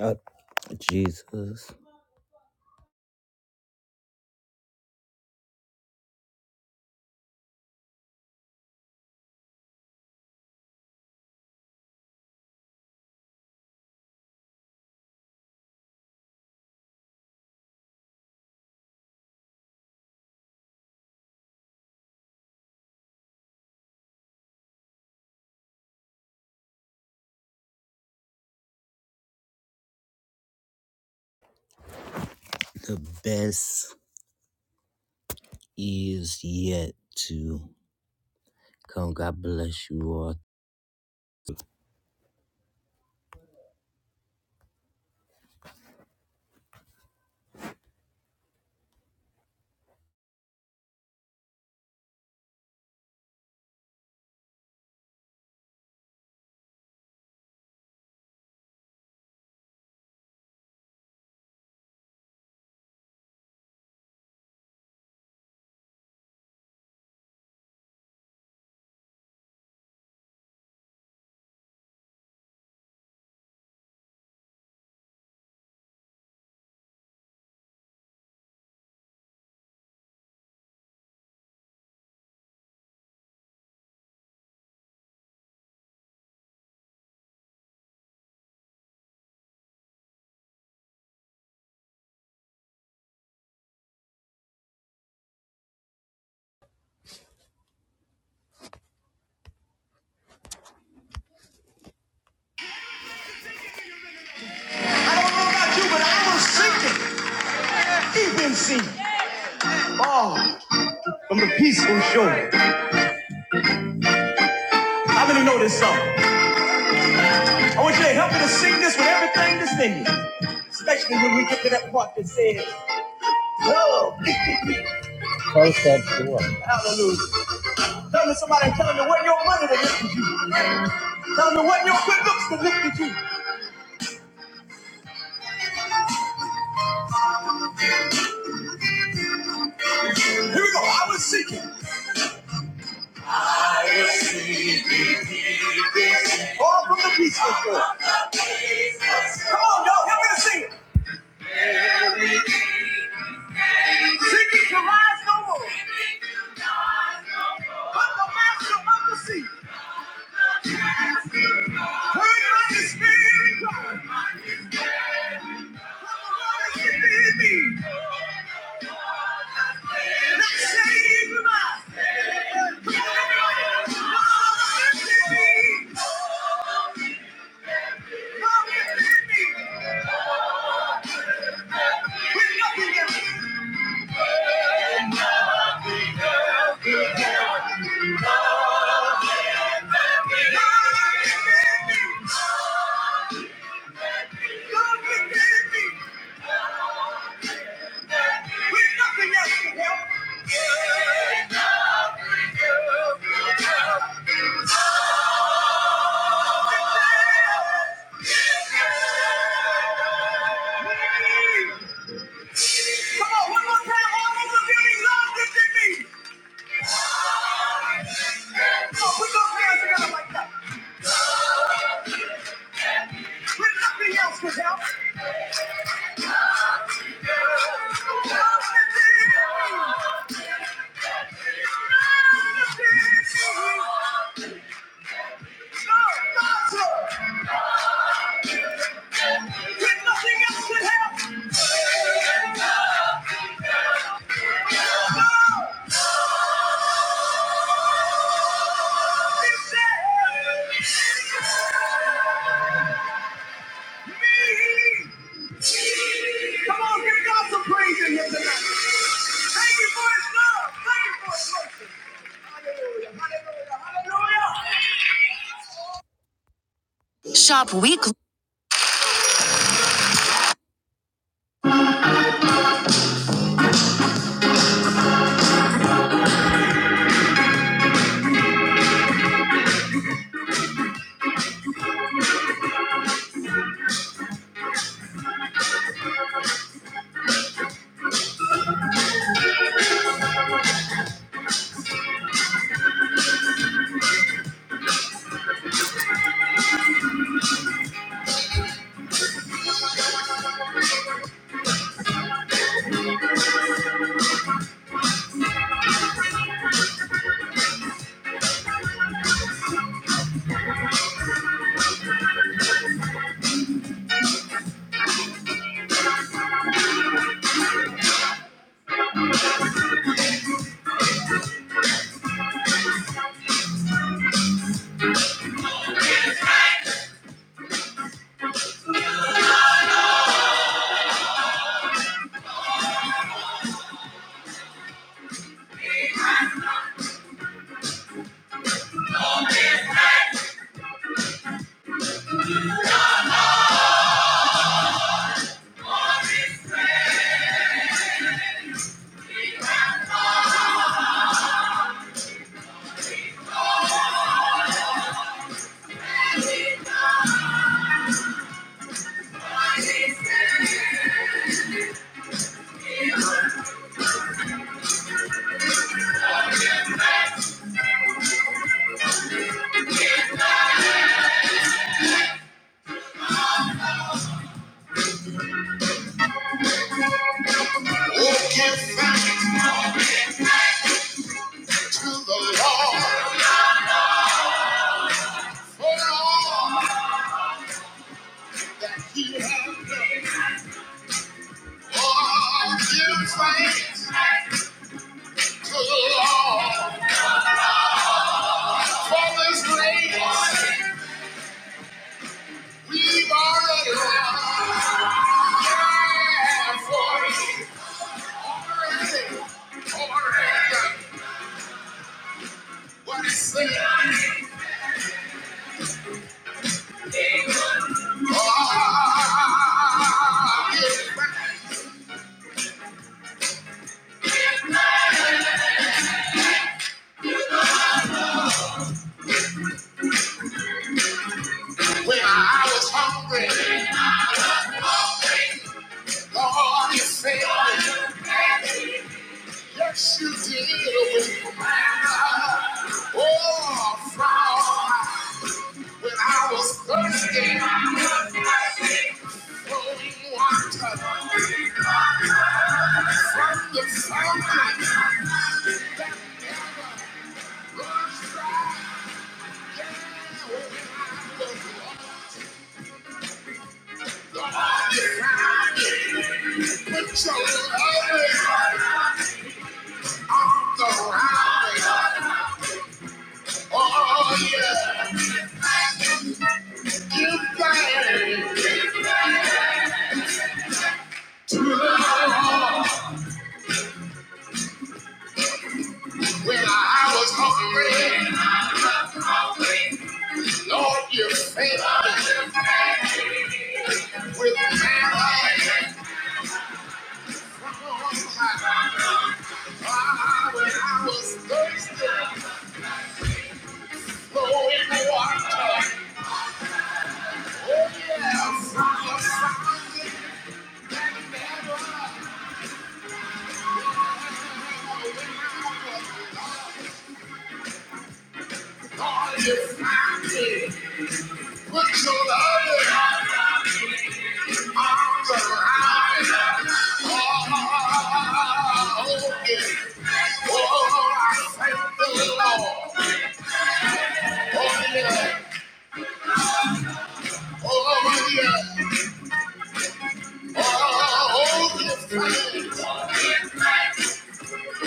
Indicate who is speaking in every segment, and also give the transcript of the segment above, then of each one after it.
Speaker 1: Uh, Jesus, the best is yet to come. God bless you all. I don't know about you, but I was sinking. He been sinking. Oh, from the peaceful shore. How many know this song? I want you to help me to sing this with everything that's in you. Especially when we get to that part that says, love. Close that door. Hallelujah. Tell me somebody, tell me what your money that lifted you. Tell me what your good looks that lifted you. Here we go. I was seeking. All from the peace corps. Come on, y'all, help me to sing it. Seekers to rise no more. But the master of the sea. Heard by the Spirit of Come on, the Lord is in me. Not saying goodbye. Come on, God, lift me. Come in me. Help. Shop weekly. We've already won. Yeah, for it. Already. What is it? Ah, When I was hungry, Lord, you fed me. Yes, you did. Oh, from When I was thirsty, I flowing water from the fountain, put your loving around me. Oh yeah, give thanks. When I was hungry, Lord, you fed me with manna. Oh,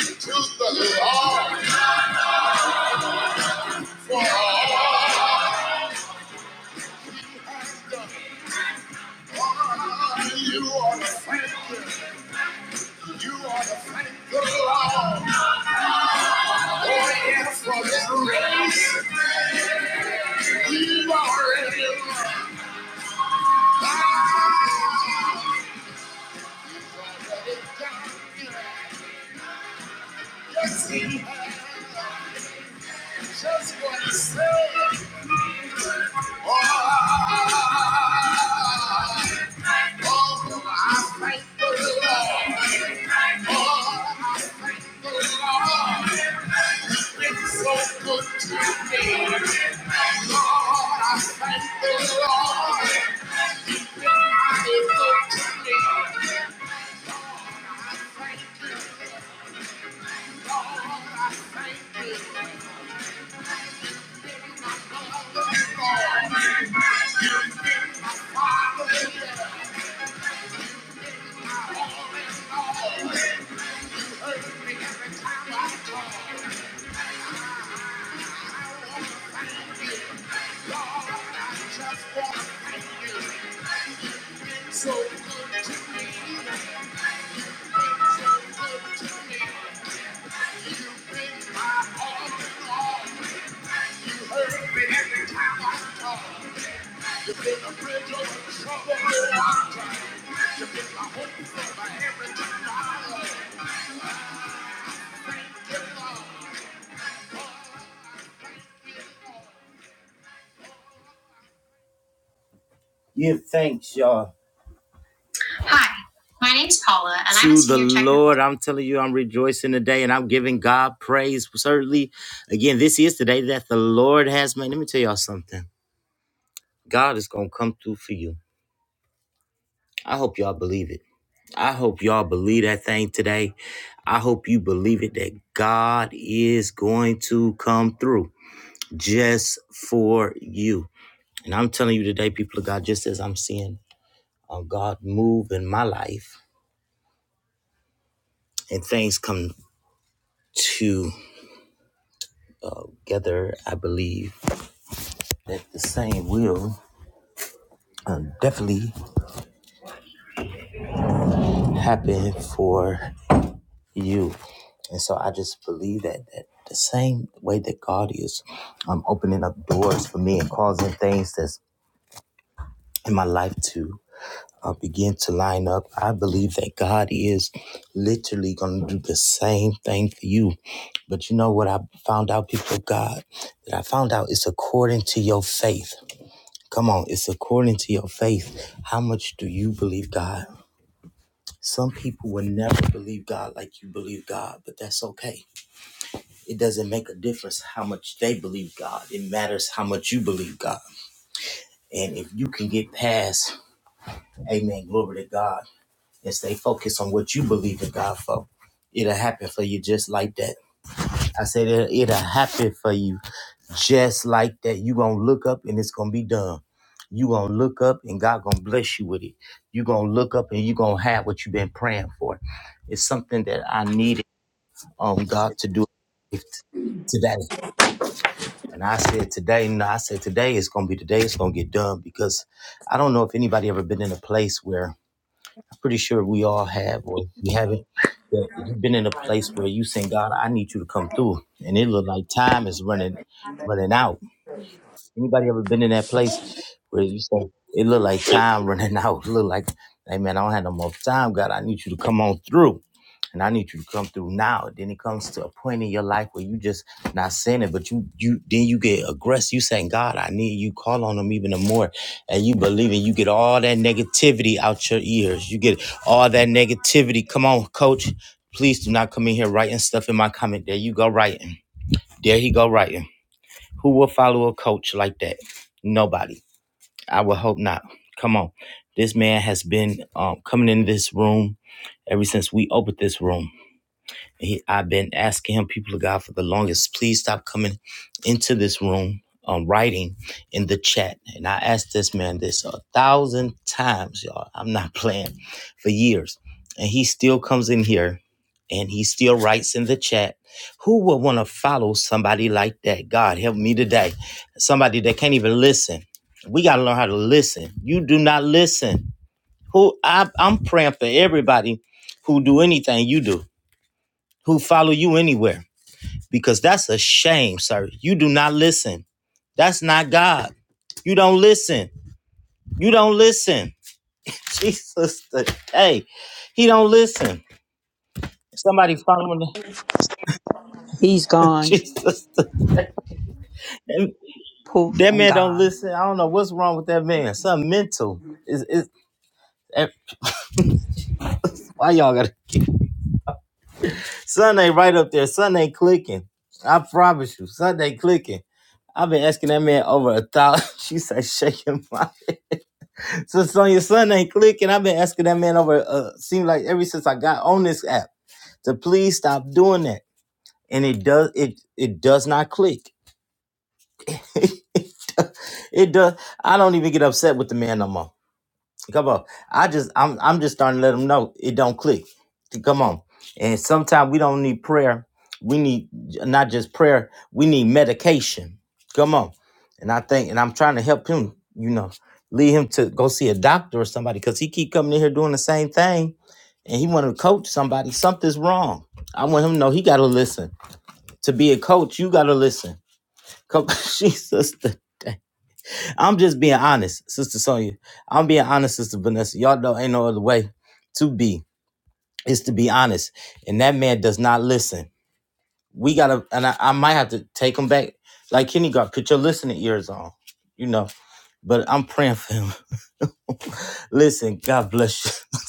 Speaker 1: to the Lord. You are the friend, you are the friend of the Lord. Oh, yes, for the race, You are in a Yes, he has just what he said. Give thanks, y'all. Hi, my name's Paula, and I am to was the here checking. Lord. I'm telling you, I'm rejoicing today and I'm giving God praise. Certainly, again, this is the day that the Lord has made. Let me tell y'all something. God is going to come through for you. I hope y'all believe it. I hope y'all believe that thing today. I hope you believe it that God is going to come through just for you. And I'm telling you today, people of God, just as I'm seeing uh, God move in my life and things come to together, I believe that the same will um, definitely happen for you. And so I just believe that, that the same way that God is um, opening up doors for me and causing things that's in my life to uh, begin to line up, I believe that God is literally going to do the same thing for you. But you know what I found out, people of God? That I found out it's according to your faith. Come on, it's according to your faith. How much do you believe God? Some people will never believe God like you believe God, but that's okay. It doesn't make a difference how much they believe God. It matters how much you believe God. And if you can get past, amen, glory to God, and stay focused on what you believe in God for, it'll happen for you just like that. I said it, it'll happen for you just like that. you gonna look up and it's gonna be done. you gonna look up and God gonna bless you with it. you gonna look up and you gonna have what you've been praying for. It's something that I needed um God to do if- today. And I said today, no, I said today it's gonna be today, it's gonna get done because I don't know if anybody ever been in a place where pretty sure we all have, or if you haven't, that you've been in a place where you saying, God, I need you to come through. And it looked like time is running running out. Anybody ever been in that place where you say, it looked like time running out? Look like, hey man, I don't have no more time, God. I need you to come on through. And I need you to come through now. Then it comes to a point in your life where you just not sinning, but you you then you get aggressive. You saying, God, I need you. Call on him even the more. And you believe and you get all that negativity out your ears. You get all that negativity. Come on, coach. Please do not come in here writing stuff in my comment. There you go writing. There he go writing. Who will follow a coach like that? Nobody. I would hope not. Come on. This man has been um, coming into this room ever since we opened this room. He, I've been asking him, people of God, for the longest. Please stop coming into this room, um, writing in the chat. And I asked this man this a thousand times, y'all. I'm not playing for years. And he still comes in here and he still writes in the chat. Who would want to follow somebody like that? God help me today. Somebody that can't even listen. We got to learn how to listen. You do not listen. Who I, I'm praying for everybody who do anything you do who follow you anywhere because that's a shame, sir. You do not listen. That's not God. You don't listen. You don't listen. Jesus, hey, he don't listen. Somebody following
Speaker 2: He's
Speaker 1: the,
Speaker 2: gone,
Speaker 1: Jesus. today.
Speaker 2: poof,
Speaker 1: That
Speaker 2: and
Speaker 1: man don't
Speaker 2: gone.
Speaker 1: listen. I don't know what's wrong with that man. Something mental. Is is why y'all gotta Son ain't right up there. Son ain't clicking. I promise you, Son ain't clicking. I've been asking that man over a thousand. She said, shake him. Sister on your son ain't clicking. I've been asking that man over uh seems like ever since I got on this app to please stop doing that. And it does it it does not click. it does I don't even get upset with the man no more. Come on. I just I'm I'm just starting to let them know it don't click. Come on. And sometimes we don't need prayer. We need not just prayer, we need medication. Come on. And I think and I'm trying to help him, you know, lead him to go see a doctor or somebody cuz he keep coming in here doing the same thing and he want to coach somebody. Something's wrong. I want him to know he got to listen. To be a coach, you got to listen. Come Jesus. I'm just being honest, Sister Sonya. I'm being honest, Sister Vanessa. Y'all know ain't no other way to be is to be honest. And that man does not listen. We gotta, and I, I might have to take him back. Like Kenny got, put your listening ears on, you know. But I'm praying for him. listen, God bless you.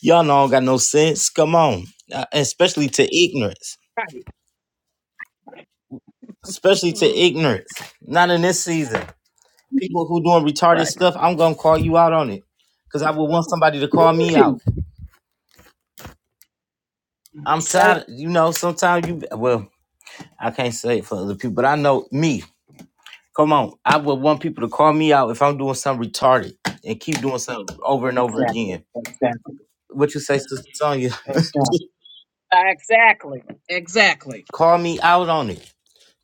Speaker 1: Y'all know I don't got no sense. Come on, Uh, especially to ignorance,
Speaker 3: Right.
Speaker 1: especially to
Speaker 3: Mm.
Speaker 1: ignorance. Not in this season. people who doing retarded
Speaker 3: Right.
Speaker 1: stuff, I'm gonna call you out on it. Cause I would want somebody to call
Speaker 3: Ooh,
Speaker 1: me
Speaker 3: gee.
Speaker 1: out. I'm
Speaker 3: Say
Speaker 1: tired, you know, sometimes you well, I can't say it for other people, but I know me. Come on. I would want people to call me out if I'm doing something retarded and keep doing something over and over
Speaker 3: exactly.
Speaker 1: again.
Speaker 3: Exactly.
Speaker 1: What you say, Sister Sonya?
Speaker 3: Exactly. Exactly. Exactly.
Speaker 1: call me out on it.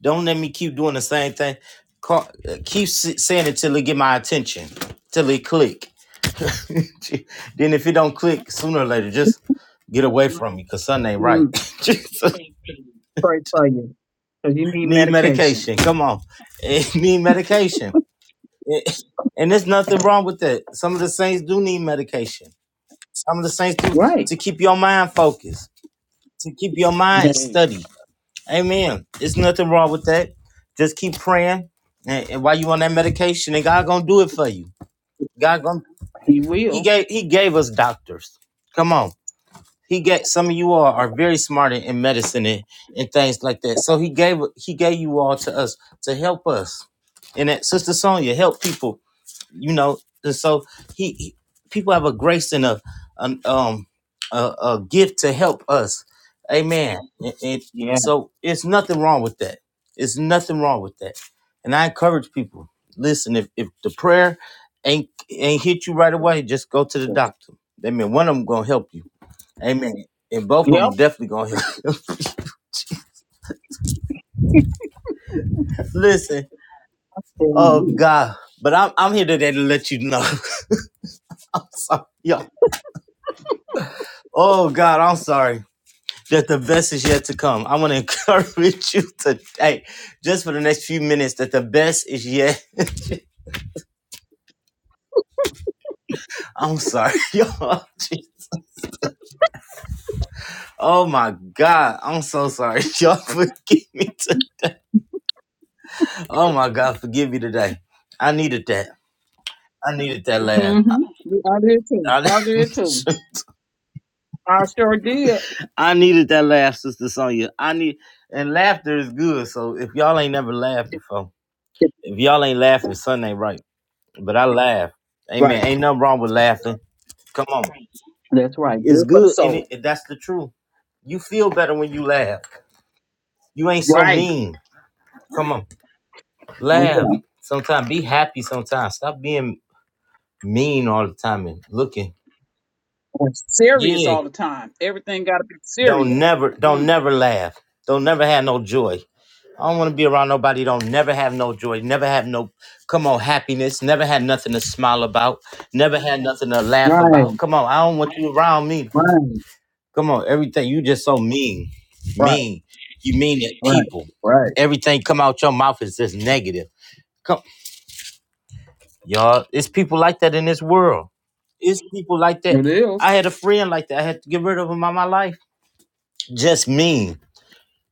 Speaker 1: Don't let me keep doing the same thing. Call, uh, keep s- saying it till it get my attention, till it click. then if it don't click sooner or later, just get away from me because something ain't right.
Speaker 3: Mm,
Speaker 1: Jesus.
Speaker 3: pray for you. Because you need
Speaker 1: Need
Speaker 3: medication.
Speaker 1: medication. Come on. need medication. And there's nothing wrong with that. Some of the saints do need medication. Some of the saints do
Speaker 3: Right.
Speaker 1: to keep your mind focused, to keep your mind
Speaker 3: Hey,
Speaker 1: steady. Amen. There's nothing wrong with that. Just keep praying. And, and while you on that medication, and God gonna do it for you. God gonna
Speaker 3: he
Speaker 1: He
Speaker 3: will.
Speaker 1: gave He gave us doctors. Come on. He gave some of you all are very smart in, in medicine and, and things like that. So he gave he gave you all to us to help us. And that Sister Sonia help people, you know. And so he, he- people have a grace and a an, um a, a gift to help us. Amen. And, and
Speaker 3: Yeah.
Speaker 1: so it's nothing wrong with that. It's nothing wrong with that. And I encourage people, listen, if, if the prayer ain't ain't hit you right away, just go to the doctor. I mean, one of them gonna help you. Amen. And both of them
Speaker 3: Yep.
Speaker 1: definitely gonna help.
Speaker 3: Recoup.
Speaker 1: Listen, oh
Speaker 3: Mm-hmm.
Speaker 1: God, but I'm I'm here today to let you know. yeah. Oh God, I'm sorry that the best is yet to come. I want to encourage you today, just for the next few minutes, that the best is yet. I'm sorry, y'all. Gee. Oh my God, I'm so sorry, y'all. Forgive me. To, oh my God, forgive me today. I needed that. I needed that laugh.
Speaker 3: I did too. I did too.
Speaker 1: I,
Speaker 3: I sure did.
Speaker 1: I needed that laugh, Sister Sonya. I need and laughter is good. So if y'all ain't never laughed before, if y'all ain't laughing, something ain't right. But I laugh.
Speaker 3: Right.
Speaker 1: Amen. Ain't nothing wrong with laughing. Come on.
Speaker 3: That's right.
Speaker 1: It's
Speaker 3: Good for the
Speaker 1: good and it,
Speaker 3: soul.
Speaker 1: and that's the truth. You feel better when you laugh. You ain't so
Speaker 3: Right.
Speaker 1: mean. Come on.
Speaker 3: Oh, yeah.
Speaker 1: Laugh. Sometimes be happy sometimes. Stop being mean all the time and looking.
Speaker 3: we serious
Speaker 1: Yeah.
Speaker 3: all the time. Everything got to be
Speaker 1: Don't
Speaker 3: serious.
Speaker 1: never don't never laugh. Don't never have no joy. I don't want to be around nobody don't never have no joy, never have no come on happiness, never had nothing to smile about, never had nothing to laugh
Speaker 3: Right,
Speaker 1: about. Come on, I don't want you around me.
Speaker 3: right,
Speaker 1: Come on, everything you just so mean,
Speaker 3: right,
Speaker 1: mean. You mean at
Speaker 3: right,
Speaker 1: people.
Speaker 3: right.
Speaker 1: Everything come out your mouth is just negative. Come, y'all. It's people like that in this world. It's people like that.
Speaker 3: It is.
Speaker 1: I had a friend like that. I had to get rid of him out my life. Just mean.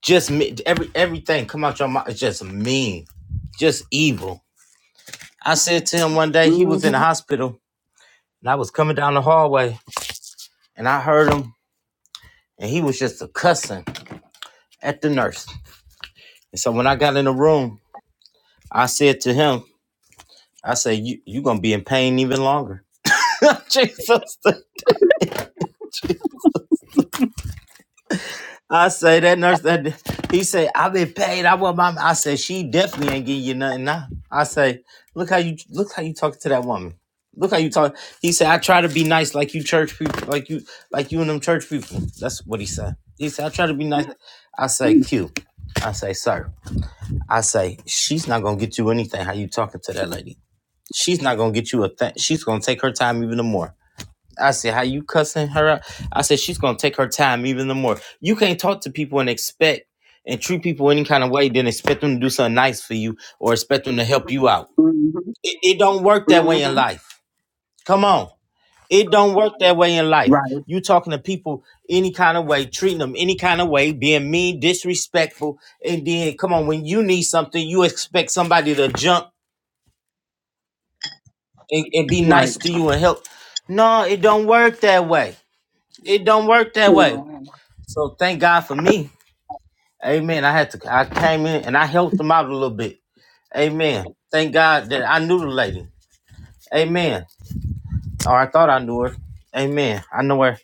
Speaker 1: Just me. Every everything come out your mouth is just mean. Just evil I said to him one day, he was in the
Speaker 3: Mhm,
Speaker 1: hospital, and I was coming down the hallway, and I heard him, and he was just a cussing at the nurse. And so when I got in the room, I said to him, I said, you, you going to be in pain even longer. Jesus. I say that nurse that he said, I've been paid. I want my I said, she definitely ain't giving you nothing now. I say, look how you look how you talking to that woman. Look how you talk. He said, I try to be nice like you church people, like you like you and them church people. That's what he said. He said, I try to be nice. I say,
Speaker 3: mm,
Speaker 1: Q. I say, sir. I say, she's not gonna get you anything. How you talking to that lady? She's not gonna get you a thing. She's gonna take her time even more. I said, how you cussing her out? I said, she's gonna take her time even the more. You can't talk to people and expect and treat people any kind of way, then expect them to do something nice for you or expect them to help you out.
Speaker 3: mhm,
Speaker 1: It, it don't work that way in
Speaker 3: mhm.
Speaker 1: life. Come on. It don't work that way in life.
Speaker 3: Right,
Speaker 1: You talking to people any kind of way, treating them any kind of way, being mean, disrespectful, and then come on, when you need something, you expect somebody to jump and, and be
Speaker 3: right.
Speaker 1: nice to you and help. No, it don't work that way. It don't work that
Speaker 3: You
Speaker 1: way.
Speaker 3: know.
Speaker 1: So thank God for me. Amen. I had to I came in and I helped them out a little bit. Amen. Thank God that I knew the lady. Amen. Or I thought I knew her. Amen. I know her.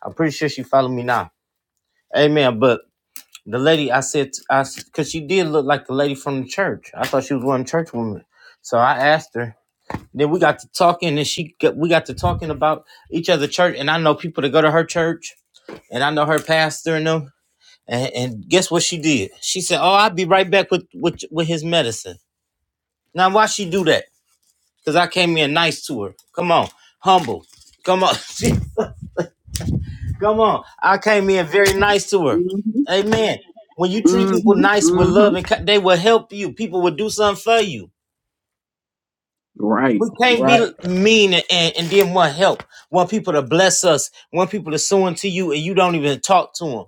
Speaker 1: I'm pretty sure she followed me now. Amen. But the lady I said I because she did look like the lady from the church. I thought she was one of the church women. So I asked her. Then we got to talking and she got, we got to talking about each other church and I know people that go to her church and I know her pastor and them And, and guess what she did? She said, "Oh, I'll be right back with with, with his medicine." Now, why she do that? Cause I came in nice to her. Come on, humble. Come on, come on. I came in very nice to her.
Speaker 3: Mhm,
Speaker 1: Amen. When you treat people
Speaker 3: mhm,
Speaker 1: nice with
Speaker 3: mhm.
Speaker 1: love and ki- they will help you. People will do something for you.
Speaker 3: Right,
Speaker 1: We can't be
Speaker 3: right.
Speaker 1: mean and, and, and then want help. Want people to bless us. Want people to sue into you and you don't even talk to them.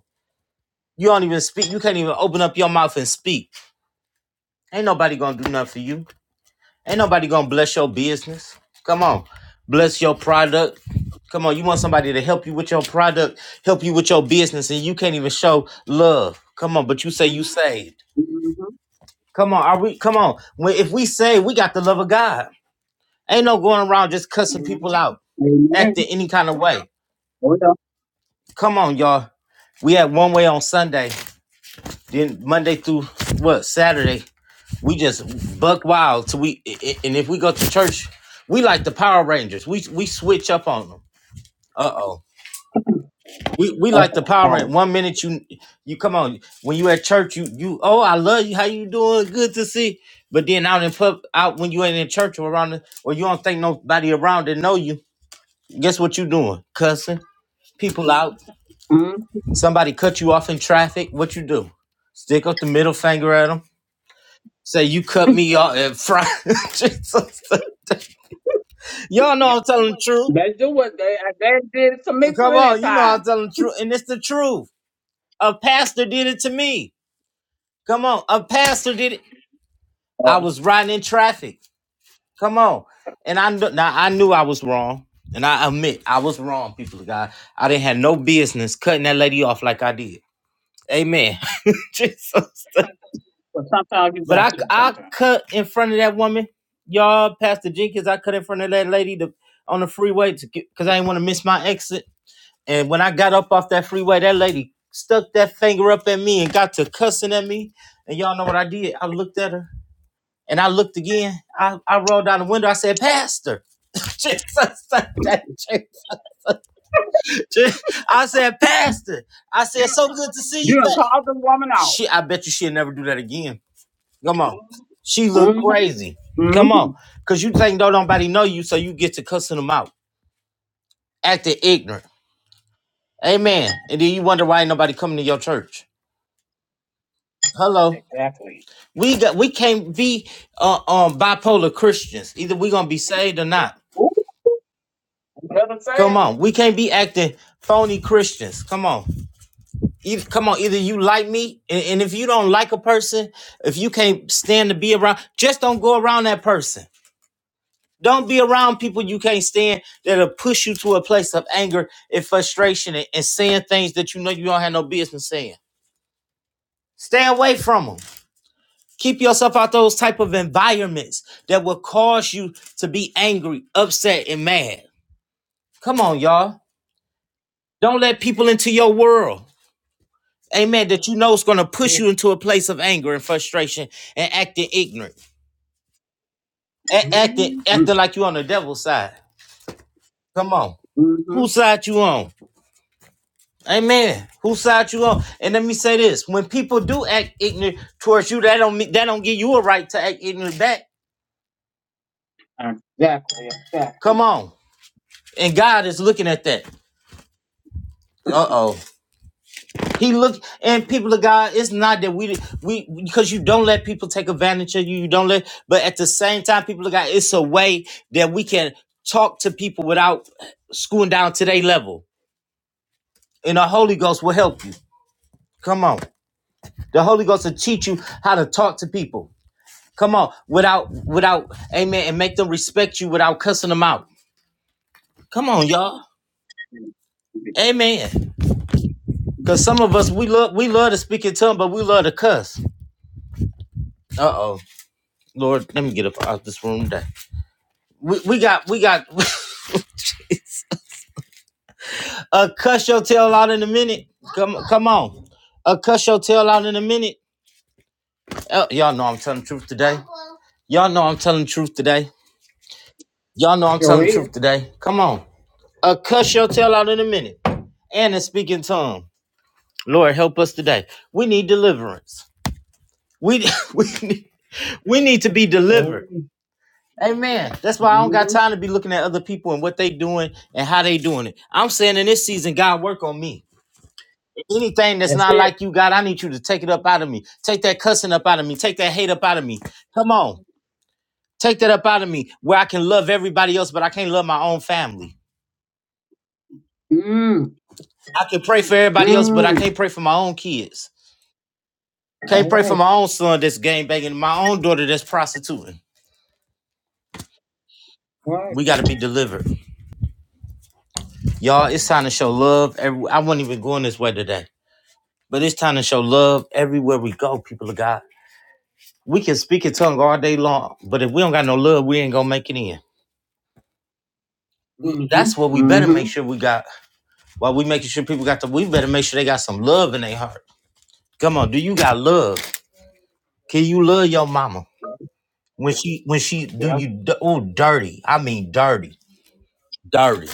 Speaker 1: You don't even speak. You can't even open up your mouth and speak. Ain't nobody gonna do nothing for you. Ain't nobody gonna bless your business. Come on, bless your product. Come on, you want somebody to help you with your product, help you with your business, and you can't even show love. Come on, but you say you saved.
Speaker 3: Mhm.
Speaker 1: Come on, are we? Come on, when, if we save, we got the love of God, ain't no going around just cussing people out, acting
Speaker 3: Amen.
Speaker 1: any kind of way.
Speaker 3: Hold on.
Speaker 1: Come on, y'all. We had one way on Sunday, then Monday through what Saturday. We just buck wild till we, i- i- and if we go to church, we like the Power Rangers. We we switch up on them. Uh oh. We we
Speaker 3: Uh
Speaker 1: like the
Speaker 3: oh,
Speaker 1: power.
Speaker 3: power.
Speaker 1: Rangers. One minute you you come on when you at church you you oh I love you how you doing good to see. But then out in pub out when you ain't in church or around the, or you don't think nobody around that know you. Guess what you doing? Cussing people out.
Speaker 3: Mhm.
Speaker 1: Somebody cut you off in traffic. What you do? Stick up the middle finger at them. Say you cut me off and fry. Jesus. Y'all know I'm telling the truth.
Speaker 3: They do what they they did to me
Speaker 1: Come
Speaker 3: plenty of
Speaker 1: on, you know I'm
Speaker 3: times.
Speaker 1: telling the truth, and it's the truth. A pastor did it to me. Come on, a pastor did it. I
Speaker 3: Oh,
Speaker 1: was riding in traffic. Come on, and I kn- now I knew I was wrong, and I admit I was wrong. People of God, I didn't have no business cutting that lady off like I did. Amen. Jesus.
Speaker 3: But sometimes you
Speaker 1: But
Speaker 3: got
Speaker 1: I
Speaker 3: to
Speaker 1: I
Speaker 3: sometimes.
Speaker 1: cut in front of that woman, y'all. Pastor Jenkins, I cut in front of that lady to, on the freeway to because I didn't want to miss my exit. And when I got up off that freeway, that lady stuck that finger up at me and got to cussing at me. And y'all know what I did? I looked at her. And I looked again. I, I rolled down the window. I said, Pastor. Jesus, Jesus. I said, Pastor. I said, so good to see you
Speaker 3: You done
Speaker 1: back.
Speaker 3: called the woman out.
Speaker 1: Shit, I bet you she'll never do that again. Come on. She looked
Speaker 3: mhm,
Speaker 1: crazy. Come on.
Speaker 3: mhm.
Speaker 1: Cause you think don't nobody know you, so you get to cussing them out. Acting ignorant. Amen. And then you wonder why ain't nobody coming to your church. Hello.
Speaker 3: Exactly.
Speaker 1: We got we can't be uh, um bipolar Christians. Either we gonna be saved or not.
Speaker 3: Ooh, you never
Speaker 1: Come
Speaker 3: say it.
Speaker 1: on, we can't be acting phony Christians. Come on, either, come on. Either you like me, and, and if you don't like a person, if you can't stand to be around, just don't go around that person. Don't be around people you can't stand that'll push you to a place of anger and frustration and, and saying things that you know you don't have no business saying. Stay away from them. Keep yourself out those type of environments that will cause you to be angry, upset, and mad. Come on, y'all. Don't let people into
Speaker 3: Yes.
Speaker 1: your world. amen, that you know is going to push you into a place of anger and frustration and acting ignorant, a- acting
Speaker 3: Mm-hmm.
Speaker 1: acting like you on the devil's side. Come on, whose
Speaker 3: Mm-hmm.
Speaker 1: side you on? Amen. Whose side you on? And let me say this: when people do act ignorant towards you, that don't mean that don't give you a right to act ignorant back.
Speaker 3: Exactly, exactly.
Speaker 1: Come on, and God is looking at that. Uh oh. He look and people of God, it's not that we we because you don't let people take advantage of you, you don't let, but at the same time, people of God, it's a way that we can talk to people without screwing down to their level. And the Holy Ghost will help you. Come on. The Holy Ghost will teach you how to talk to people. Come on, without without amen, and make them respect you without cussing them out. Come on, y'all. Amen. Cause some of us we love we love to speak in tongue, but we love to cuss. Uh oh. Lord, let me get up out this room today. We, we got we got uh cuss your tail out in a minute. Come come on. Uh cuss your tail out in a minute. Uh, y'all know I'm telling the truth today. Y'all know I'm telling the truth today. Y'all know I'm
Speaker 3: Sure
Speaker 1: telling the
Speaker 3: is.
Speaker 1: truth today. Come on. Uh cuss your tail out in a minute. And in speaking tongue. Lord help us today. We need deliverance. We we need, we need to be
Speaker 3: Sure
Speaker 1: delivered.
Speaker 3: is.
Speaker 1: Amen. That's why I don't got
Speaker 3: Mm-hmm.
Speaker 1: time to be looking at other people and what they doing and how they doing it. I'm saying in this season, God work on me. Anything that's
Speaker 3: That's
Speaker 1: not
Speaker 3: it.
Speaker 1: like you, God, I need you to take it up out of me. Take that cussing up out of me. Take that hate up out of me. Come on. Take that up out of me where I can love everybody else, but I can't love my own family.
Speaker 3: Mm,
Speaker 1: I can pray for everybody else, but I
Speaker 3: mm.
Speaker 1: can't pray for my own kids. Can't
Speaker 3: All
Speaker 1: pray for
Speaker 3: right,
Speaker 1: my own son that's game banging, my own daughter that's prostituting.
Speaker 3: all right.
Speaker 1: We got to be delivered. Y'all, it's time to show love. Every- I wasn't even going this way today, but it's time to show love everywhere we go, people of God. We can speak in tongue all day long, but if we don't got no love, we ain't going to make it in.
Speaker 3: Mm-hmm.
Speaker 1: That's what we better make
Speaker 3: Mm-hmm.
Speaker 1: sure we got. While we making sure people got the, we better make sure they got some love in their heart. Come on, do you got love? Can you love your mama when she when she do
Speaker 3: Yep.
Speaker 1: you? Oh, dirty. I mean, dirty, dirty.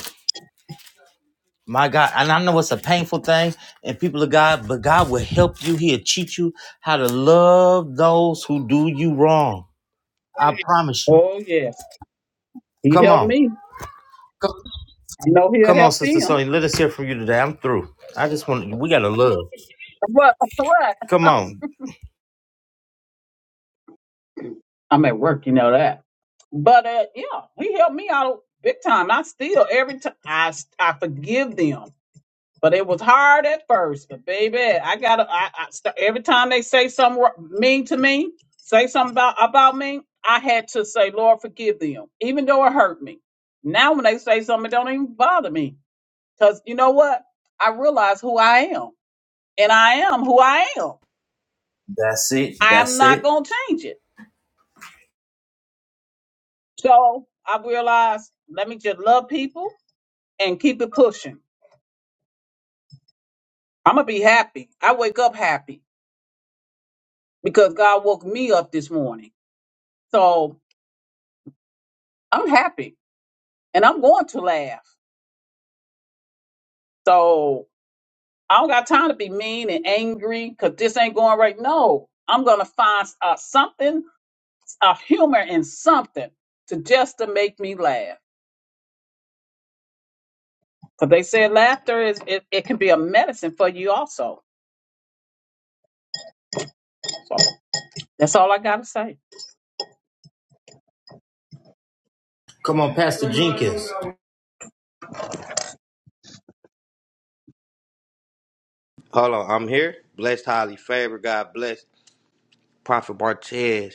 Speaker 1: My God, and I know it's a painful thing, and people of God, but God will help you. He'll teach you how to love those who do you wrong. I promise you.
Speaker 3: Oh yes. He
Speaker 1: Come
Speaker 3: helped
Speaker 1: on,
Speaker 3: me.
Speaker 1: come,
Speaker 3: I know he'll
Speaker 1: come on,
Speaker 3: help
Speaker 1: Sister
Speaker 3: them.
Speaker 1: Sonya. Let us hear from you today. I'm through. I just want we gotta love.
Speaker 3: But what?
Speaker 1: Come on,
Speaker 3: I'm at work, you know that. But uh, yeah, he helped me out big time. I still every time I I forgive them. But it was hard at first. But baby, I gotta. I, I st- every time they say something wr- mean to me, say something about about me, I had to say, Lord, forgive them, even though it hurt me. Now when they say something, it don't even bother me, cause you know what? I realize who I am, and I am who I am.
Speaker 1: That's it.
Speaker 3: I am
Speaker 1: That's
Speaker 3: not
Speaker 1: it.
Speaker 3: gonna change it. So I realized, let me just love people and keep it pushing. I'm gonna be happy. I wake up happy because God woke me up this morning. So I'm happy and I'm going to laugh. So I don't got time to be mean and angry because this ain't going right. No, I'm going to find uh, something, a humor in something to just to make me laugh. Because they said laughter is, it, it can be a medicine for you also. So that's all I got to say.
Speaker 1: Come on, Pastor Jenkins.
Speaker 4: Hold on, I'm here. Blessed, highly favored, God bless. Prophet Bartez,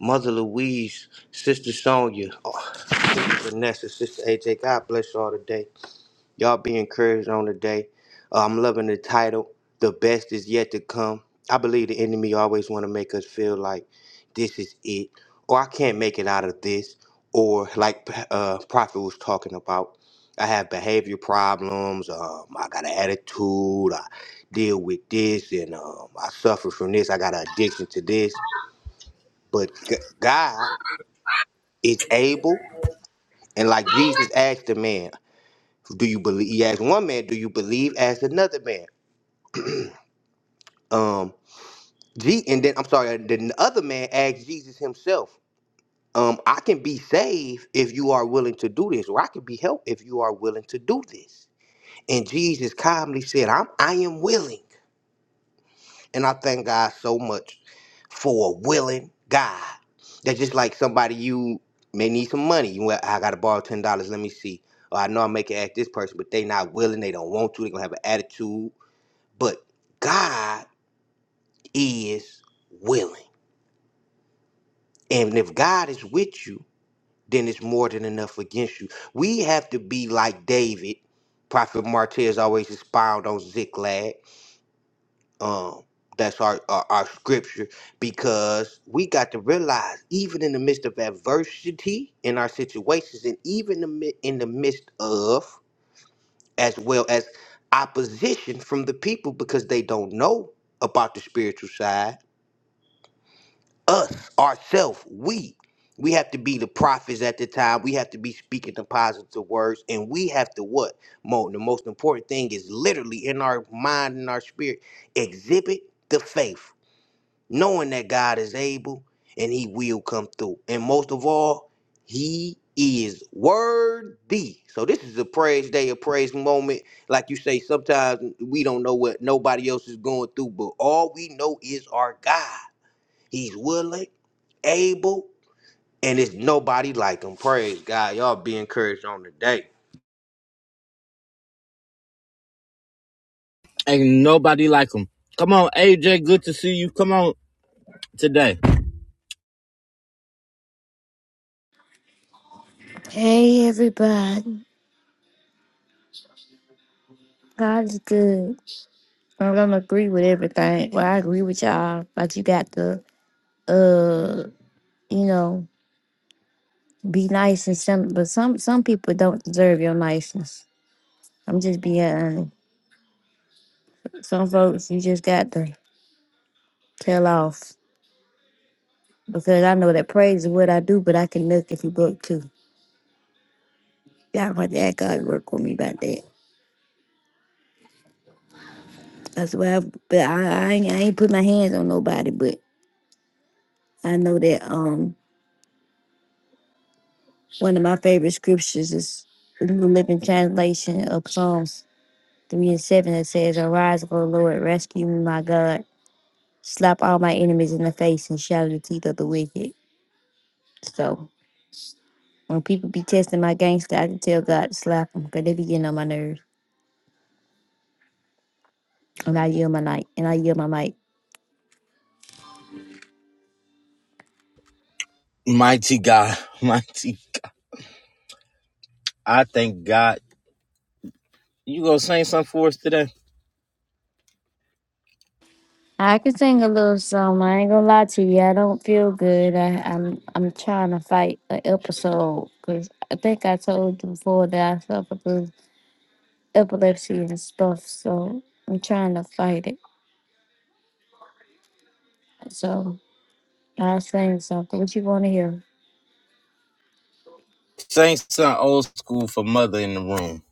Speaker 4: Mother Louise, Sister Sonia, oh, Sister Vanessa, Sister AJ. God bless y'all today. Y'all be encouraged on the day. Uh, I'm loving the title. The best is yet to come. I believe the enemy always want to make us feel like this is it, or I can't make it out of this, or like uh, Prophet was talking about. I have behavior problems. Um, I got an attitude. I deal with this, and um, I suffer from this. I got an addiction to this. But G- God is able, and like Jesus asked the man, "Do you believe?" He asked one man, "Do you believe?" Asked another man. Um, G, and then I'm sorry, uh, the other man asked Jesus himself, um, I can be saved if you are willing to do this, or I can be helped if you are willing to do this. And Jesus calmly said, I'm I am willing. And I thank God so much for a willing God. That's just like somebody you may need some money. You went, I gotta borrow ten dollars, let me see. Or I know I make it ask this person, but they not willing, they don't want to, they gonna have an attitude. But God is willing. And if God is with you, then it's more than enough against you. We have to be like David. Prophet Martez always expound on Ziklag. Um, that's our, our our scripture because we got to realize even in the midst of adversity in our situations, and even the mi- in the midst of as well as opposition from the people because they don't know about the spiritual side us ourselves we we have to be the prophets at the time we have to be speaking the positive words and we have to what mo the most important thing is literally in our mind and our spirit exhibit the faith knowing that god is able and he will come through and most of all he is worthy so this is a praise day a praise moment like you say sometimes we don't know what nobody else is going through but all we know is our god He's willing, able, and it's nobody like him. Praise God. Y'all be encouraged on the day.
Speaker 1: Ain't nobody like him. Come on, AJ. Good to see you. Come on today.
Speaker 5: Hey everybody, God is good. I don't agree with everything. Well, I agree with y'all, but you got to, uh, you know, be nice and some. But some some people don't deserve your niceness. I'm just being honest. Some folks you just got to tell off because I know that praise is what I do, but I can look if you book too. God, want that God work with me about that. That's why. I, but I, I ain't I ain't put my hands on nobody, but I know that um. One of my favorite scriptures is the New Living Translation of Psalms 3 and 7 that says, Arise, O Lord, rescue me, my God. Slap all my enemies in the face and shatter the teeth of the wicked. So when people be testing my gangster, I can tell God to slap them because they be getting on my nerves. And I yield my night and I yield my mic.
Speaker 1: Mighty God. Mighty God. I thank God. You gonna sing something for us today?
Speaker 5: I can sing a little song. I ain't gonna lie to you. I don't feel good. I, I'm I'm trying to fight an episode because I think I told you before that I suffer from epilepsy and stuff, so I'm trying to fight it. So I was saying something. What you want to hear?
Speaker 1: Sing something old school for mother in the room.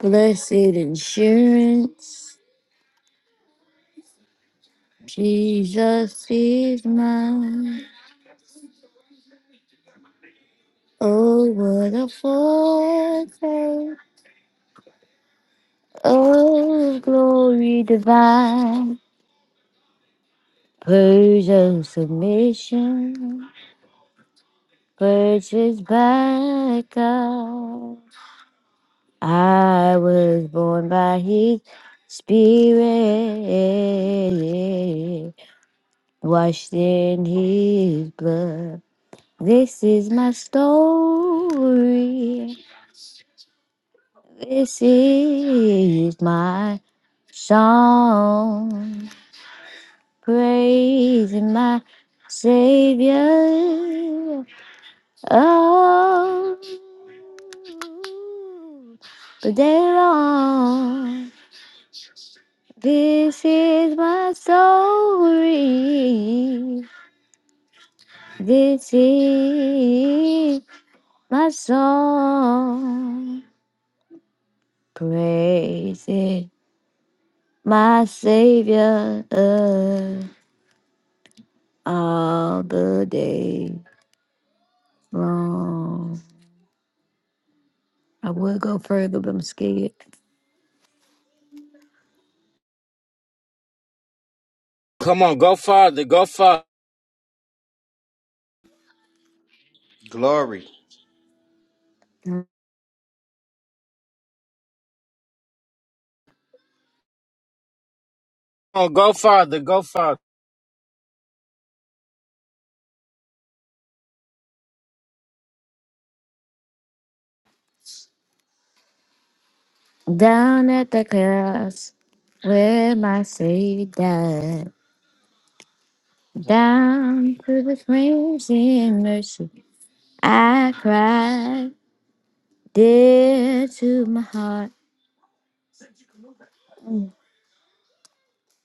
Speaker 5: Blessed insurance, Jesus is mine. Oh, what a foretaste! Oh, glory divine, purge of submission, purchased by God. I was born by his spirit, washed in his blood. This is my story. This is my song. Praising my Savior. Oh, but they're wrong. This is my story. This is my song. Praising my Savior all the day long. I would go further, but I'm scared.
Speaker 1: Come on, go farther, go far.
Speaker 4: Glory.
Speaker 1: Come on, go farther, go farther.
Speaker 5: Down at the cross where my Savior died. Down to the flames in mercy I cried, dear to my heart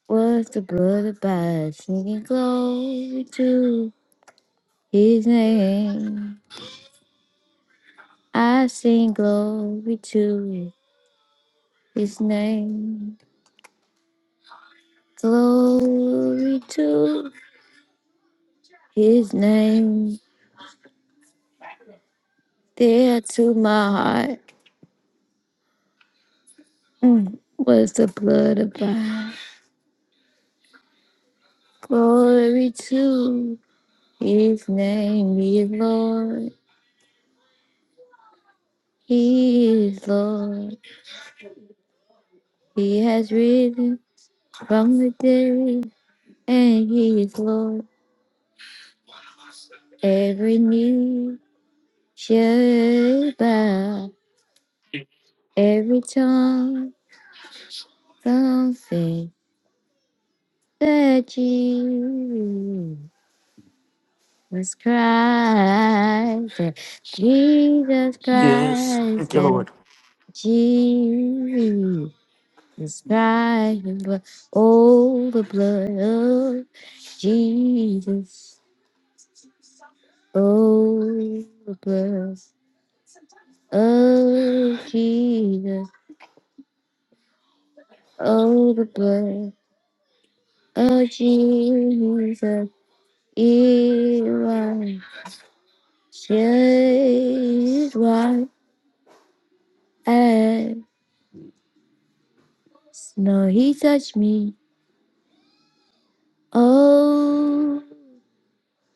Speaker 5: was the blood of God, singing glory to His name. I sing glory to His name, glory to His name. Dear to my heart mm, was the blood of God, glory to His name. He is Lord, He is Lord. He has risen from the dead, and he is Lord. Every knee shall bow, every tongue confess that Jesus Christ, that Jesus
Speaker 6: Yes. Thank
Speaker 5: Christ,
Speaker 6: you, Lord.
Speaker 5: that Jesus Christ, the blood, oh, the blood of Jesus, oh, the blood. Oh, Jesus. Oh, the blood. Oh, Jesus. It washes white as snow. He touched me. Oh,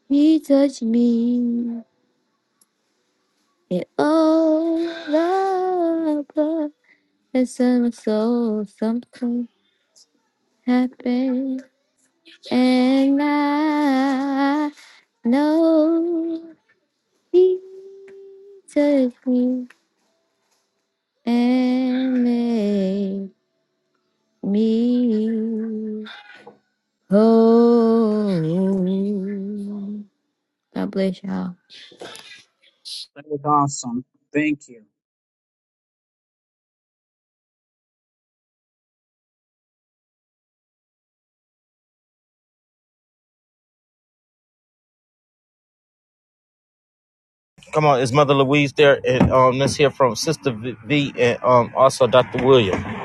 Speaker 5: he touched me. And oh, the blood. And some soul, something happened. And I know. he. Take me and make me whole. God bless y'all.
Speaker 3: That was awesome. Thank you.
Speaker 1: Come on, is Mother Louise there? And um, let's hear from Sister V and um also Dr. William.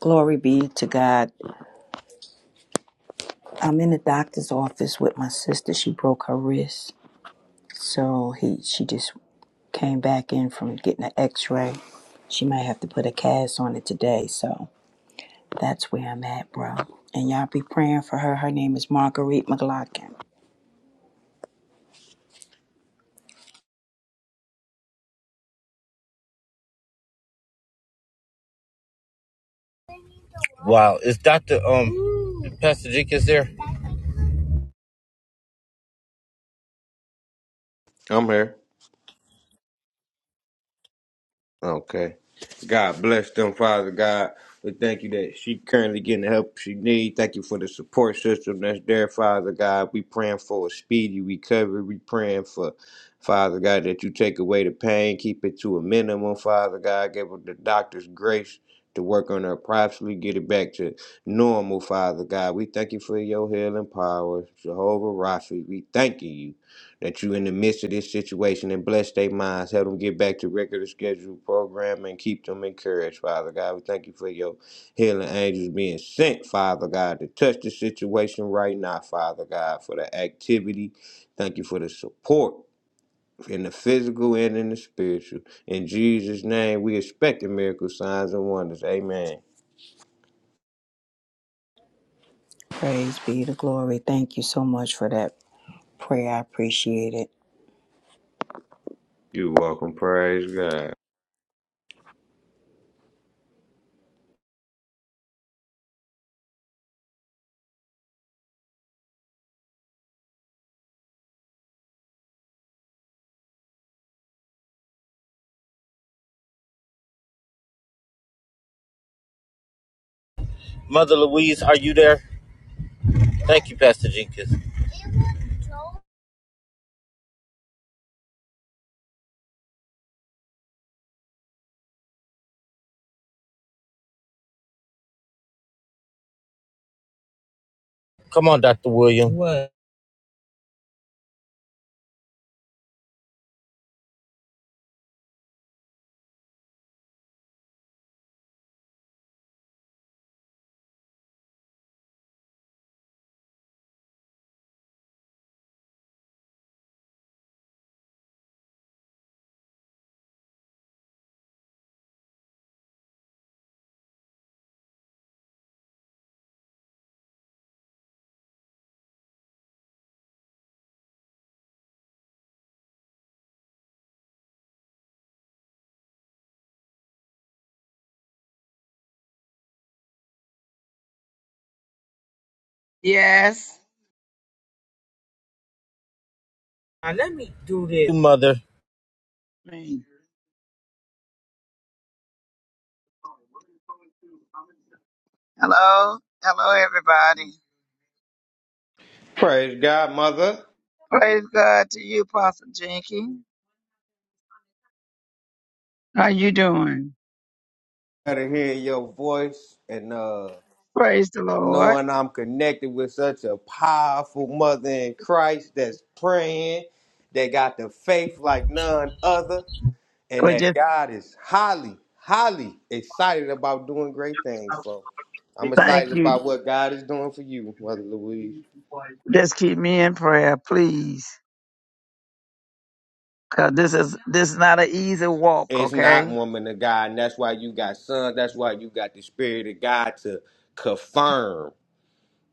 Speaker 2: Glory be to God. I'm in the doctor's office with my sister. She broke her wrist, so he she just came back in from getting an X-ray. She might have to put a cast on it today, so that's where I'm at, bro. And y'all be praying for her. Her name is Marguerite McLaughlin.
Speaker 1: Wow, is Dr. um Pastor Jenkins there?
Speaker 4: I'm here. Okay. God bless them, Father God. We thank you that she currently getting the help she needs. Thank you for the support system that's there, Father God. We praying for a speedy recovery. We praying for, Father God, that you take away the pain, keep it to a minimum, Father God. Give her the doctor's grace to work on her properly, get it back to normal, Father God. We thank you for your healing powers, Jehovah Rapha. We thanking you that you in the midst of this situation and bless their minds. Help them get back to regular scheduled program and keep them encouraged, Father God. We thank you for your healing angels being sent, Father God, to touch the situation right now, Father God, for the activity. Thank you for the support. In the physical and in the spiritual. In Jesus' name, we expect the miracle signs and wonders. Amen.
Speaker 2: Praise be to glory. Thank you so much for that prayer. I appreciate it.
Speaker 4: You're welcome. Praise God.
Speaker 1: Mother Louise, are you there? Thank you, Pastor Jenkins. Come on, Dr. William. Well,
Speaker 7: Yes.
Speaker 1: now let me do this. Mother.
Speaker 7: Hello. Hello, everybody.
Speaker 4: Praise God, Mother.
Speaker 7: Praise God to you, Pastor Jenkins. How you doing?
Speaker 4: Gotta hear your voice and uh
Speaker 7: Praise the Lord.
Speaker 4: knowing I'm connected with such a powerful mother in Christ that's praying, that got the faith like none other, and
Speaker 7: Well,
Speaker 4: that
Speaker 7: just
Speaker 4: God is highly, highly excited about doing great things, folks. I'm
Speaker 7: thank
Speaker 4: excited
Speaker 7: you.
Speaker 4: about what God is doing for you, Mother Louise.
Speaker 7: Just keep me in prayer, please. Cause this is this is not an easy walk,
Speaker 4: It's not
Speaker 7: okay?
Speaker 4: woman of God, and that's why you got son. That's why you got the Spirit of God to confirm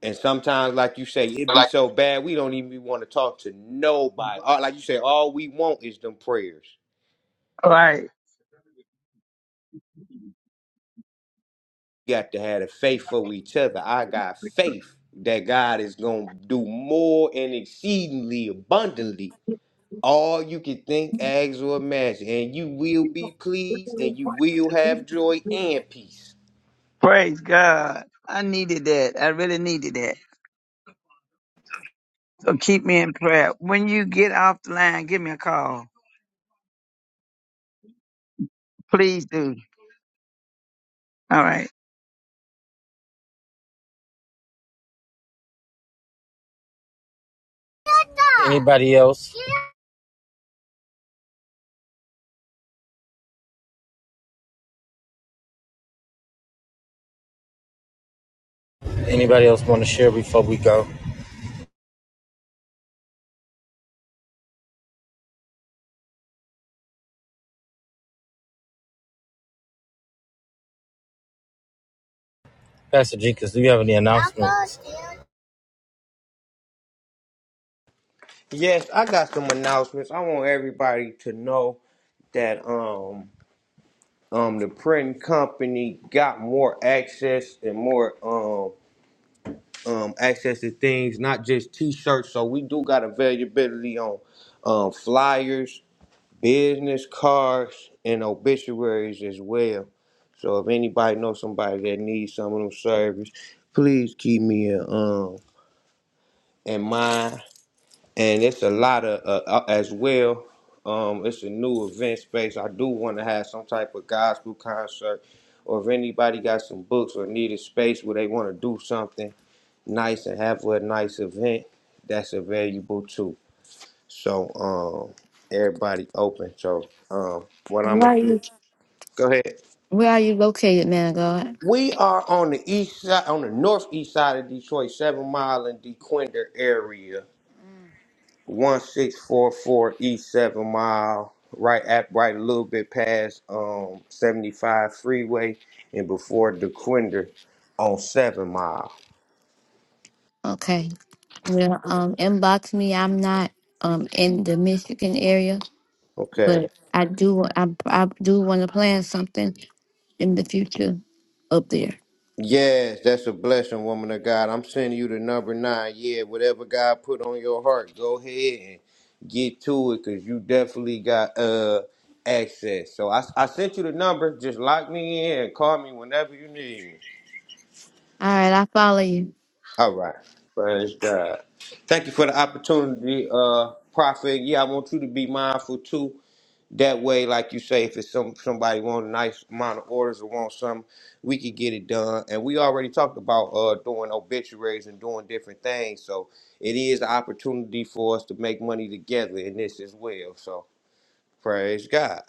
Speaker 4: And sometimes, like you say, it be
Speaker 7: Like-
Speaker 4: so bad we don't even want to talk to nobody. All, like you say, all we want is them prayers.
Speaker 7: All right.
Speaker 4: You got to have the faith for each other. I got faith that God is gonna do more and exceedingly abundantly all you can think, ask, or imagine, and you will be pleased, and you will have joy and peace.
Speaker 7: Praise God. I needed that. I really needed that. So keep me in prayer. When you get off the line, give me a call. Please do. All right.
Speaker 1: Anybody else? Anybody else want to share before we go? Pastor Jenkins, do you have any announcements?
Speaker 4: Yes, I got some announcements. I want everybody to know that. Um, um, the printing company got more access and more um, um, access to things, not just T-shirts. So we do got availability on um, flyers, business cards, and obituaries as well. So if anybody knows somebody that needs some of them service, please keep me in um, in mind and it's a lot of uh, uh, as well. Um, it's a new event space. I do want to have some type of gospel concert, or if anybody got some books or need a space where they want to do something nice and have a nice event, that's available too. So um, everybody open. So um, what I'm
Speaker 5: Where
Speaker 4: gonna
Speaker 5: are
Speaker 4: do?
Speaker 5: you?
Speaker 4: Go ahead.
Speaker 5: Where are you located, man of God?
Speaker 4: We are on the east side, on the northeast side of Detroit, seven mile and DeQuinder area. 1644 East 7 Mile, right at right a little bit past um 75 freeway and before DeQuinder on 7 Mile.
Speaker 5: Okay. Well, um, inbox me. I'm not um in the Michigan area,
Speaker 4: Okay.
Speaker 5: but I do I, I do want to plan something in the future up there.
Speaker 4: Yes, that's a blessing, woman of God. I'm sending you the number nine. Yeah, whatever God put on your heart, go ahead and get to it because you definitely got uh access. So I, I sent you the number. Just lock me in. Call me whenever you need me.
Speaker 5: All right, I follow you.
Speaker 4: All right. Praise God. Thank you for the opportunity, uh, Prophet. Yeah, I want you to be mindful too. That way, like you say, if it's some somebody want a nice amount of orders or want something, we could get it done. And we already talked about uh doing obituaries and doing different things. So it is an opportunity for us to make money together in this as well. So praise God.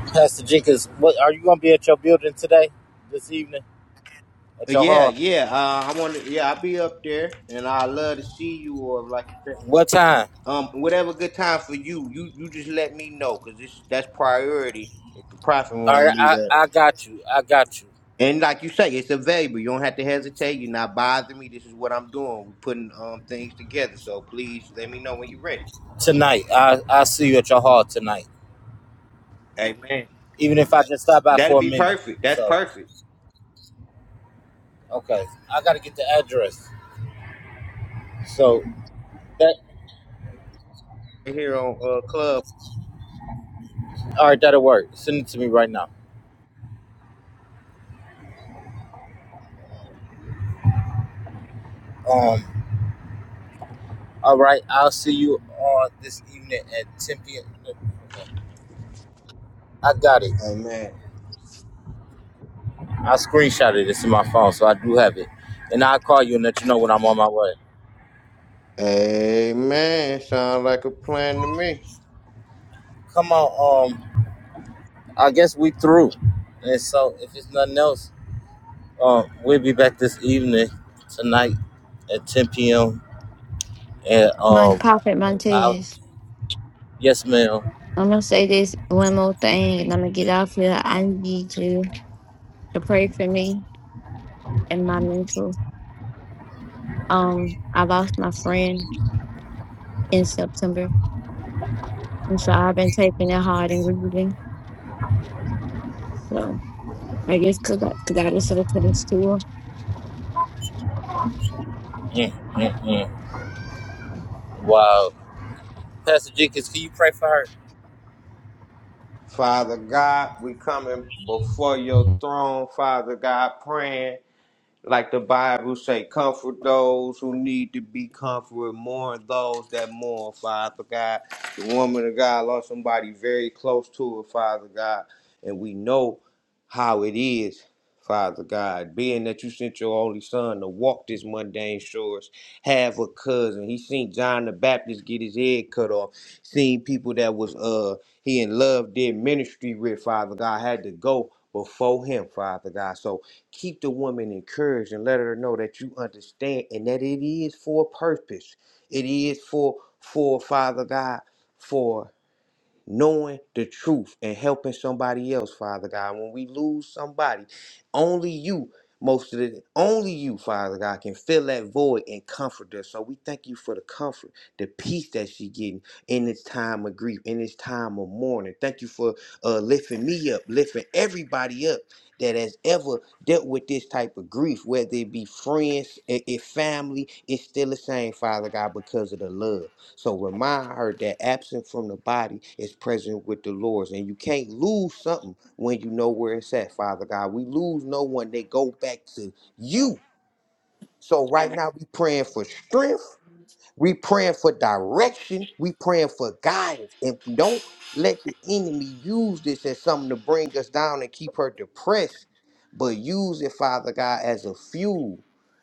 Speaker 1: Pastor Jenkins, what are you going to be at your building today, this evening, at your
Speaker 4: Yeah,
Speaker 1: hall?
Speaker 4: yeah. Uh, I want to. Yeah, I'll be up there, and I love to see you. Or like you said.
Speaker 1: What time?
Speaker 4: Um, whatever good time for you, you you just let me know, cause it's that's priority. If the prophet want
Speaker 1: All
Speaker 4: to
Speaker 1: right,
Speaker 4: meet
Speaker 1: I,
Speaker 4: up,
Speaker 1: I got you. I got you.
Speaker 4: and like you say, it's available. You don't have to hesitate. You're not bothering me. This is what I'm doing. We're putting um things together. So please let me know when you're ready.
Speaker 1: Tonight, I, I'll see you at your hall tonight.
Speaker 4: Amen.
Speaker 1: Even if I just stop by
Speaker 4: That'd
Speaker 1: for a
Speaker 4: be
Speaker 1: minute.
Speaker 4: perfect. That's
Speaker 1: So,
Speaker 4: perfect.
Speaker 1: okay. I got to get the address. So, that,
Speaker 4: Right Here on uh club.
Speaker 1: all right, that'll work. Send it to me right now. Um, All right, I'll see you on this evening at 10 p.m. Okay. I got it.
Speaker 4: Amen.
Speaker 1: I screenshot this in my phone, so I do have it. And I'll call you and let you know when I'm on my way.
Speaker 4: Amen. Sound like a plan to me.
Speaker 1: Come on, um, I guess we through. And so if it's nothing else, um, we'll be back this evening tonight at 10 p.m. And
Speaker 5: My
Speaker 1: um,
Speaker 5: prophet
Speaker 1: I'll,
Speaker 5: Montez.
Speaker 1: yes, ma'am.
Speaker 5: I'm gonna say this one more thing, and I'm gonna get off here. I need you to pray for me and my mental. Um, I lost my friend in September, and so I've been taking it hard and grieving. So I guess cause I, cause I listened to this tour.
Speaker 1: Mm, mm, mm. Wow. Pastor Jenkins, can you pray for her?
Speaker 4: Father God, we coming before your throne, Father God, praying. Like the Bible say, comfort those who need to be comforted, mourn those that mourn, Father God. The woman of God lost somebody very close to her, Father God. And we know how it is, Father God. Being that you sent your only son to walk this mundane shores, have a cousin. He seen John the Baptist get his head cut off, seen people that was uh he in love did ministry with, Father God, had to go before him, Father God. So Keep the woman encouraged and let her know that you understand and that it is for a purpose. It is for for Father God for knowing the truth and helping somebody else, Father God. When we lose somebody, only you, most of the only you, Father God, can fill that void and comfort us. So we thank you for the comfort, the peace that she getting in this time of grief, in this time of mourning. Thank you for uh, lifting me up, lifting everybody up that has ever dealt with this type of grief, whether it be friends, i- if family, it's still the same, Father God, because of the love. So remind her that absent from the body is present with the Lord's. And you can't lose something when you know where it's at, Father God. We lose no one. They go back to you. So right now we praying for strength we praying for direction. We praying for guidance. And don't let the enemy use this as something to bring us down and keep her depressed, but use it, Father God, as a fuel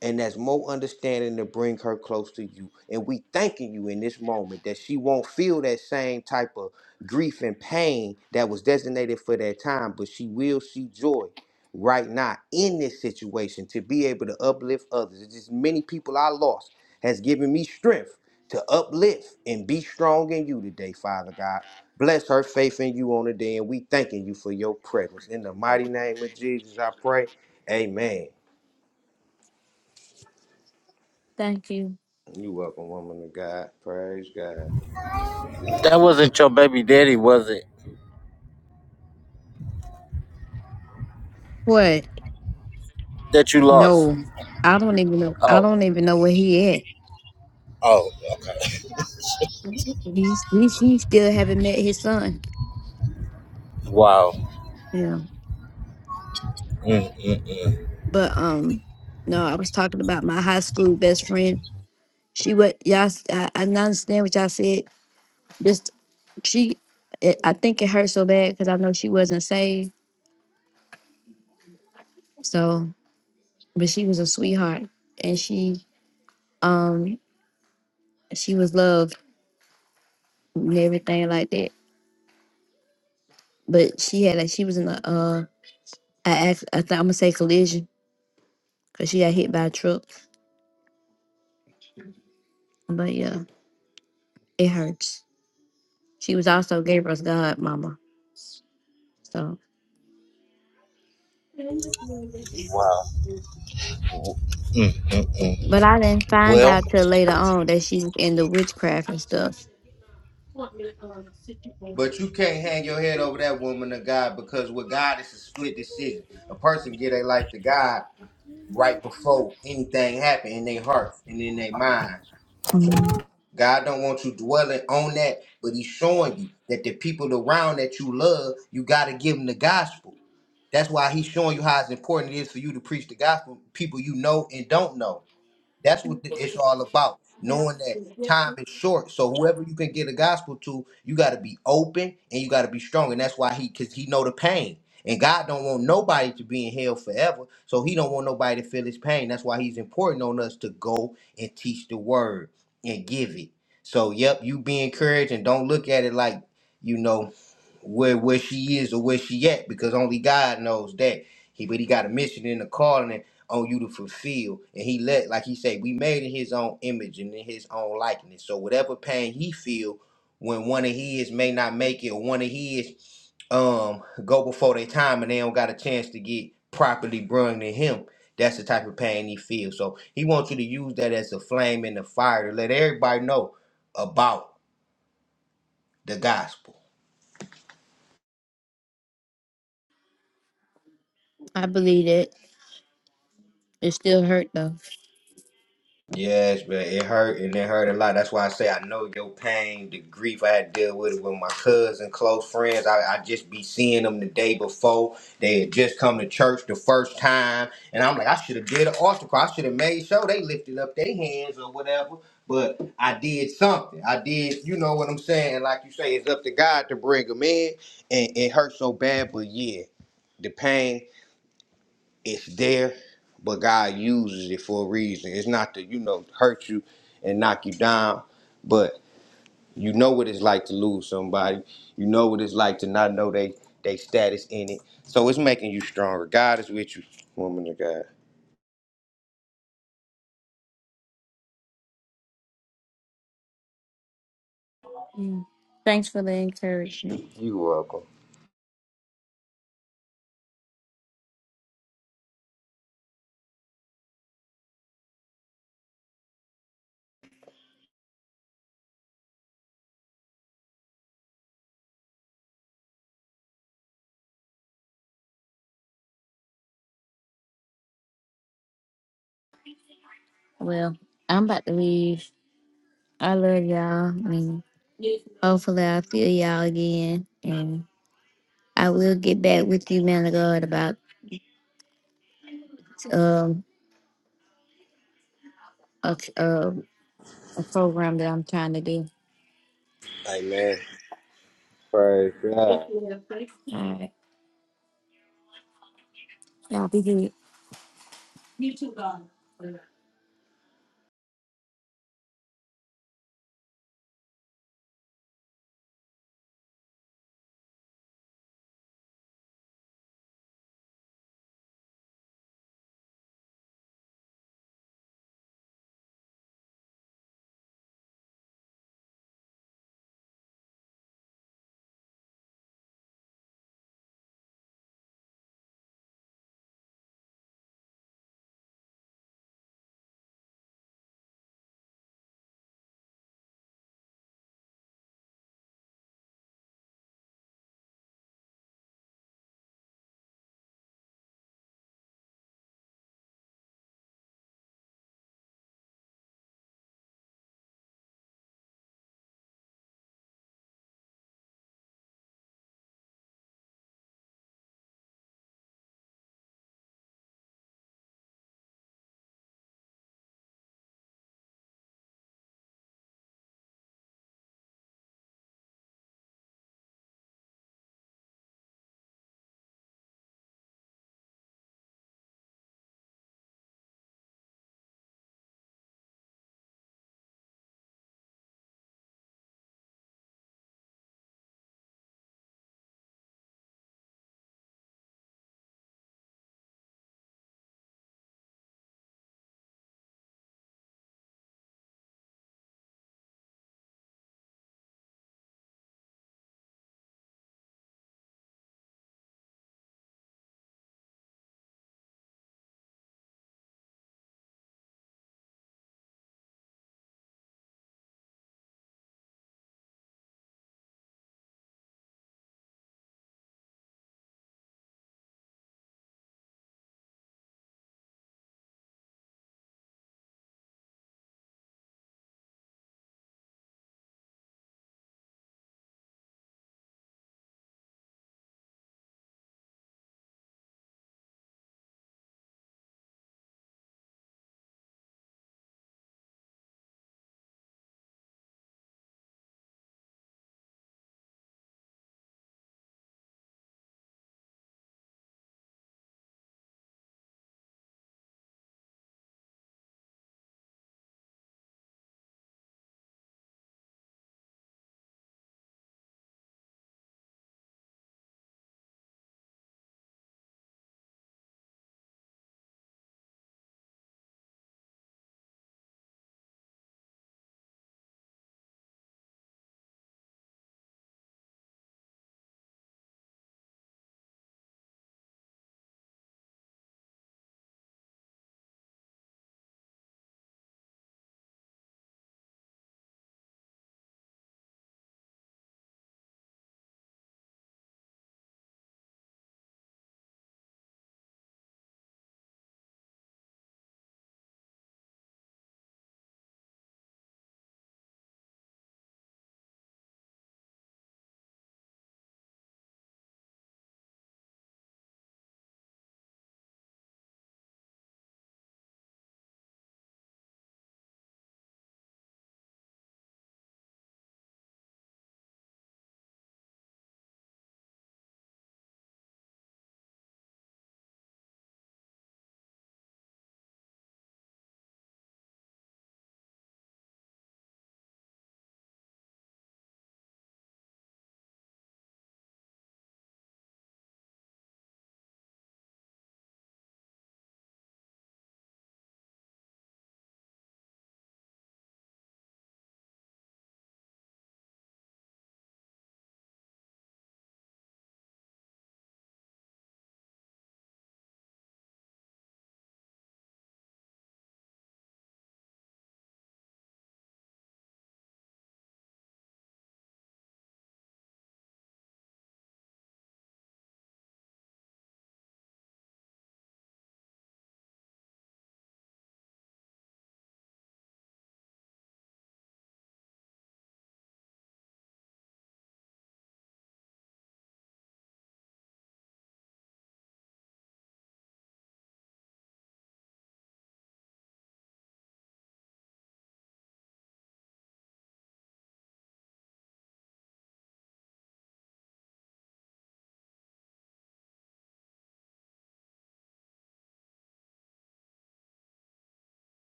Speaker 4: and as more understanding to bring her close to you. And we thanking you in this moment that she won't feel that same type of grief and pain that was designated for that time, but she will see joy right now in this situation to be able to uplift others. There's just many people I lost has given me strength to uplift and be strong in you today, Father God. Bless her faith in you on the day, and we thanking you for your presence. In the mighty name of Jesus, I pray. Amen.
Speaker 5: Thank you.
Speaker 4: You welcome, woman of God. Praise God.
Speaker 1: That wasn't your baby daddy, was it?
Speaker 5: What?
Speaker 1: That you lost.
Speaker 5: No, I don't even know. I
Speaker 1: Oh,
Speaker 5: don't even know where he at.
Speaker 1: oh. okay.
Speaker 5: He's he's he still haven't met his son.
Speaker 1: Wow.
Speaker 5: Yeah,
Speaker 1: Mm-mm.
Speaker 5: but um, no, I was talking about my high school best friend. She would y'all. s- I, I don't understand what y'all said. Just she, it, I think it hurt so bad because I know she wasn't saved. So, but she was a sweetheart, and she um she was loved and everything like that. But she had like she was in a uh I act I think I'm gonna say collision because she got hit by a truck. But yeah, it hurts. She was also Gabriel's godmama. So, but I didn't find
Speaker 1: Well,
Speaker 5: out till later on that she was into witchcraft and stuff.
Speaker 4: But you can't hang your head over that woman of God because with God it's a split decision. A person give their life to God right before anything happen in their hearts and in their minds. So God don't want you dwelling on that, but He's showing you that the people around that you love, you got to give them the gospel. That's why He's showing you how it's important it is for you to preach the gospel, people you know and don't know. That's what the, it's all about. Knowing that time is short, so whoever you can get the gospel to, you got to be open and you got to be strong, and that's why he, cause he know the pain. And God don't want nobody to be in hell forever, so He don't want nobody to feel His pain. That's why He's important on us to go and teach the word and give it. So, yep, you be encouraged and don't look at it like you know where where she is or where she at because only God knows that. He but he got a mission and a calling on you to fulfill. And he let like he said, we made in his own image and in his own likeness. So whatever pain he feel when one of his may not make it or one of his um go before their time and they don't got a chance to get properly brung to him. That's the type of pain he feels. So he wants you to use that as a flame in the fire to let everybody know about the gospel
Speaker 5: I believe it. It still hurt though.
Speaker 4: Yes, but it hurt and it hurt a lot. That's why I say I know your pain, the grief I had to deal with it with my cousin, close friends. I, I just be seeing them the day before. They had just come to church the first time. And I'm like, I should have did an altar call. I should have made sure they lifted up their hands or whatever. But I did something. I did, you know what I'm saying? And Like you say, it's up to God to bring them in. And it hurt so bad, but yeah, the pain it's there, but God uses it for a reason. It's not to, you know, hurt you and knock you down, but you know what it's like to lose somebody. You know what it's like to not know they they status in it. So it's making you stronger. God is with you, woman of God.
Speaker 5: Mm. Thanks for the encouragement.
Speaker 4: You welcome.
Speaker 5: Well, I'm about to leave. I love y'all. And hopefully I'll feel y'all again. And I will get back with you, man of God, about um a, a, a program that I'm trying to do.
Speaker 4: Amen. Praise God.
Speaker 5: All right. Y'all be good.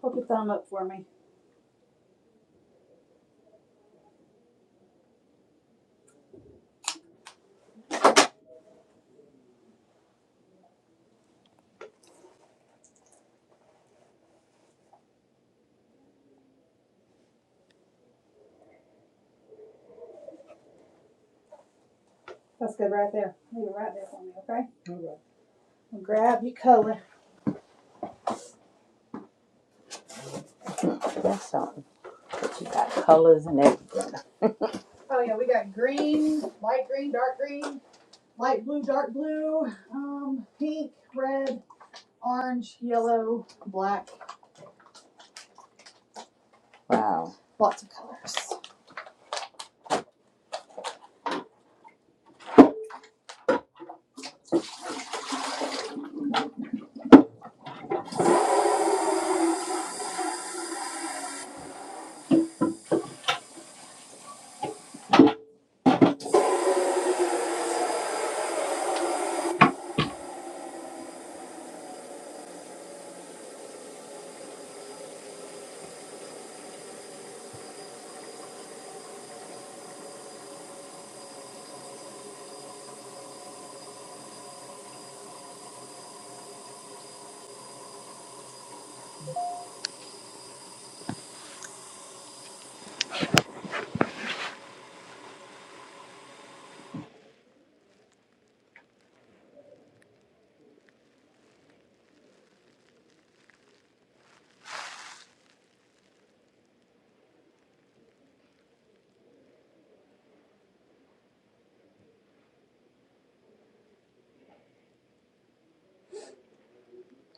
Speaker 2: Put the thumb up for me. That's good right there. Leave it right there for me, okay? And grab your color. That's something But you got colors and everything. Oh yeah, we got green, light green, dark green, light blue, dark blue, um, pink, red, orange, yellow, black. Wow. Lots of colors.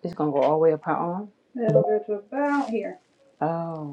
Speaker 2: It's gonna go all the way up her arm? It'll go to about here. Oh.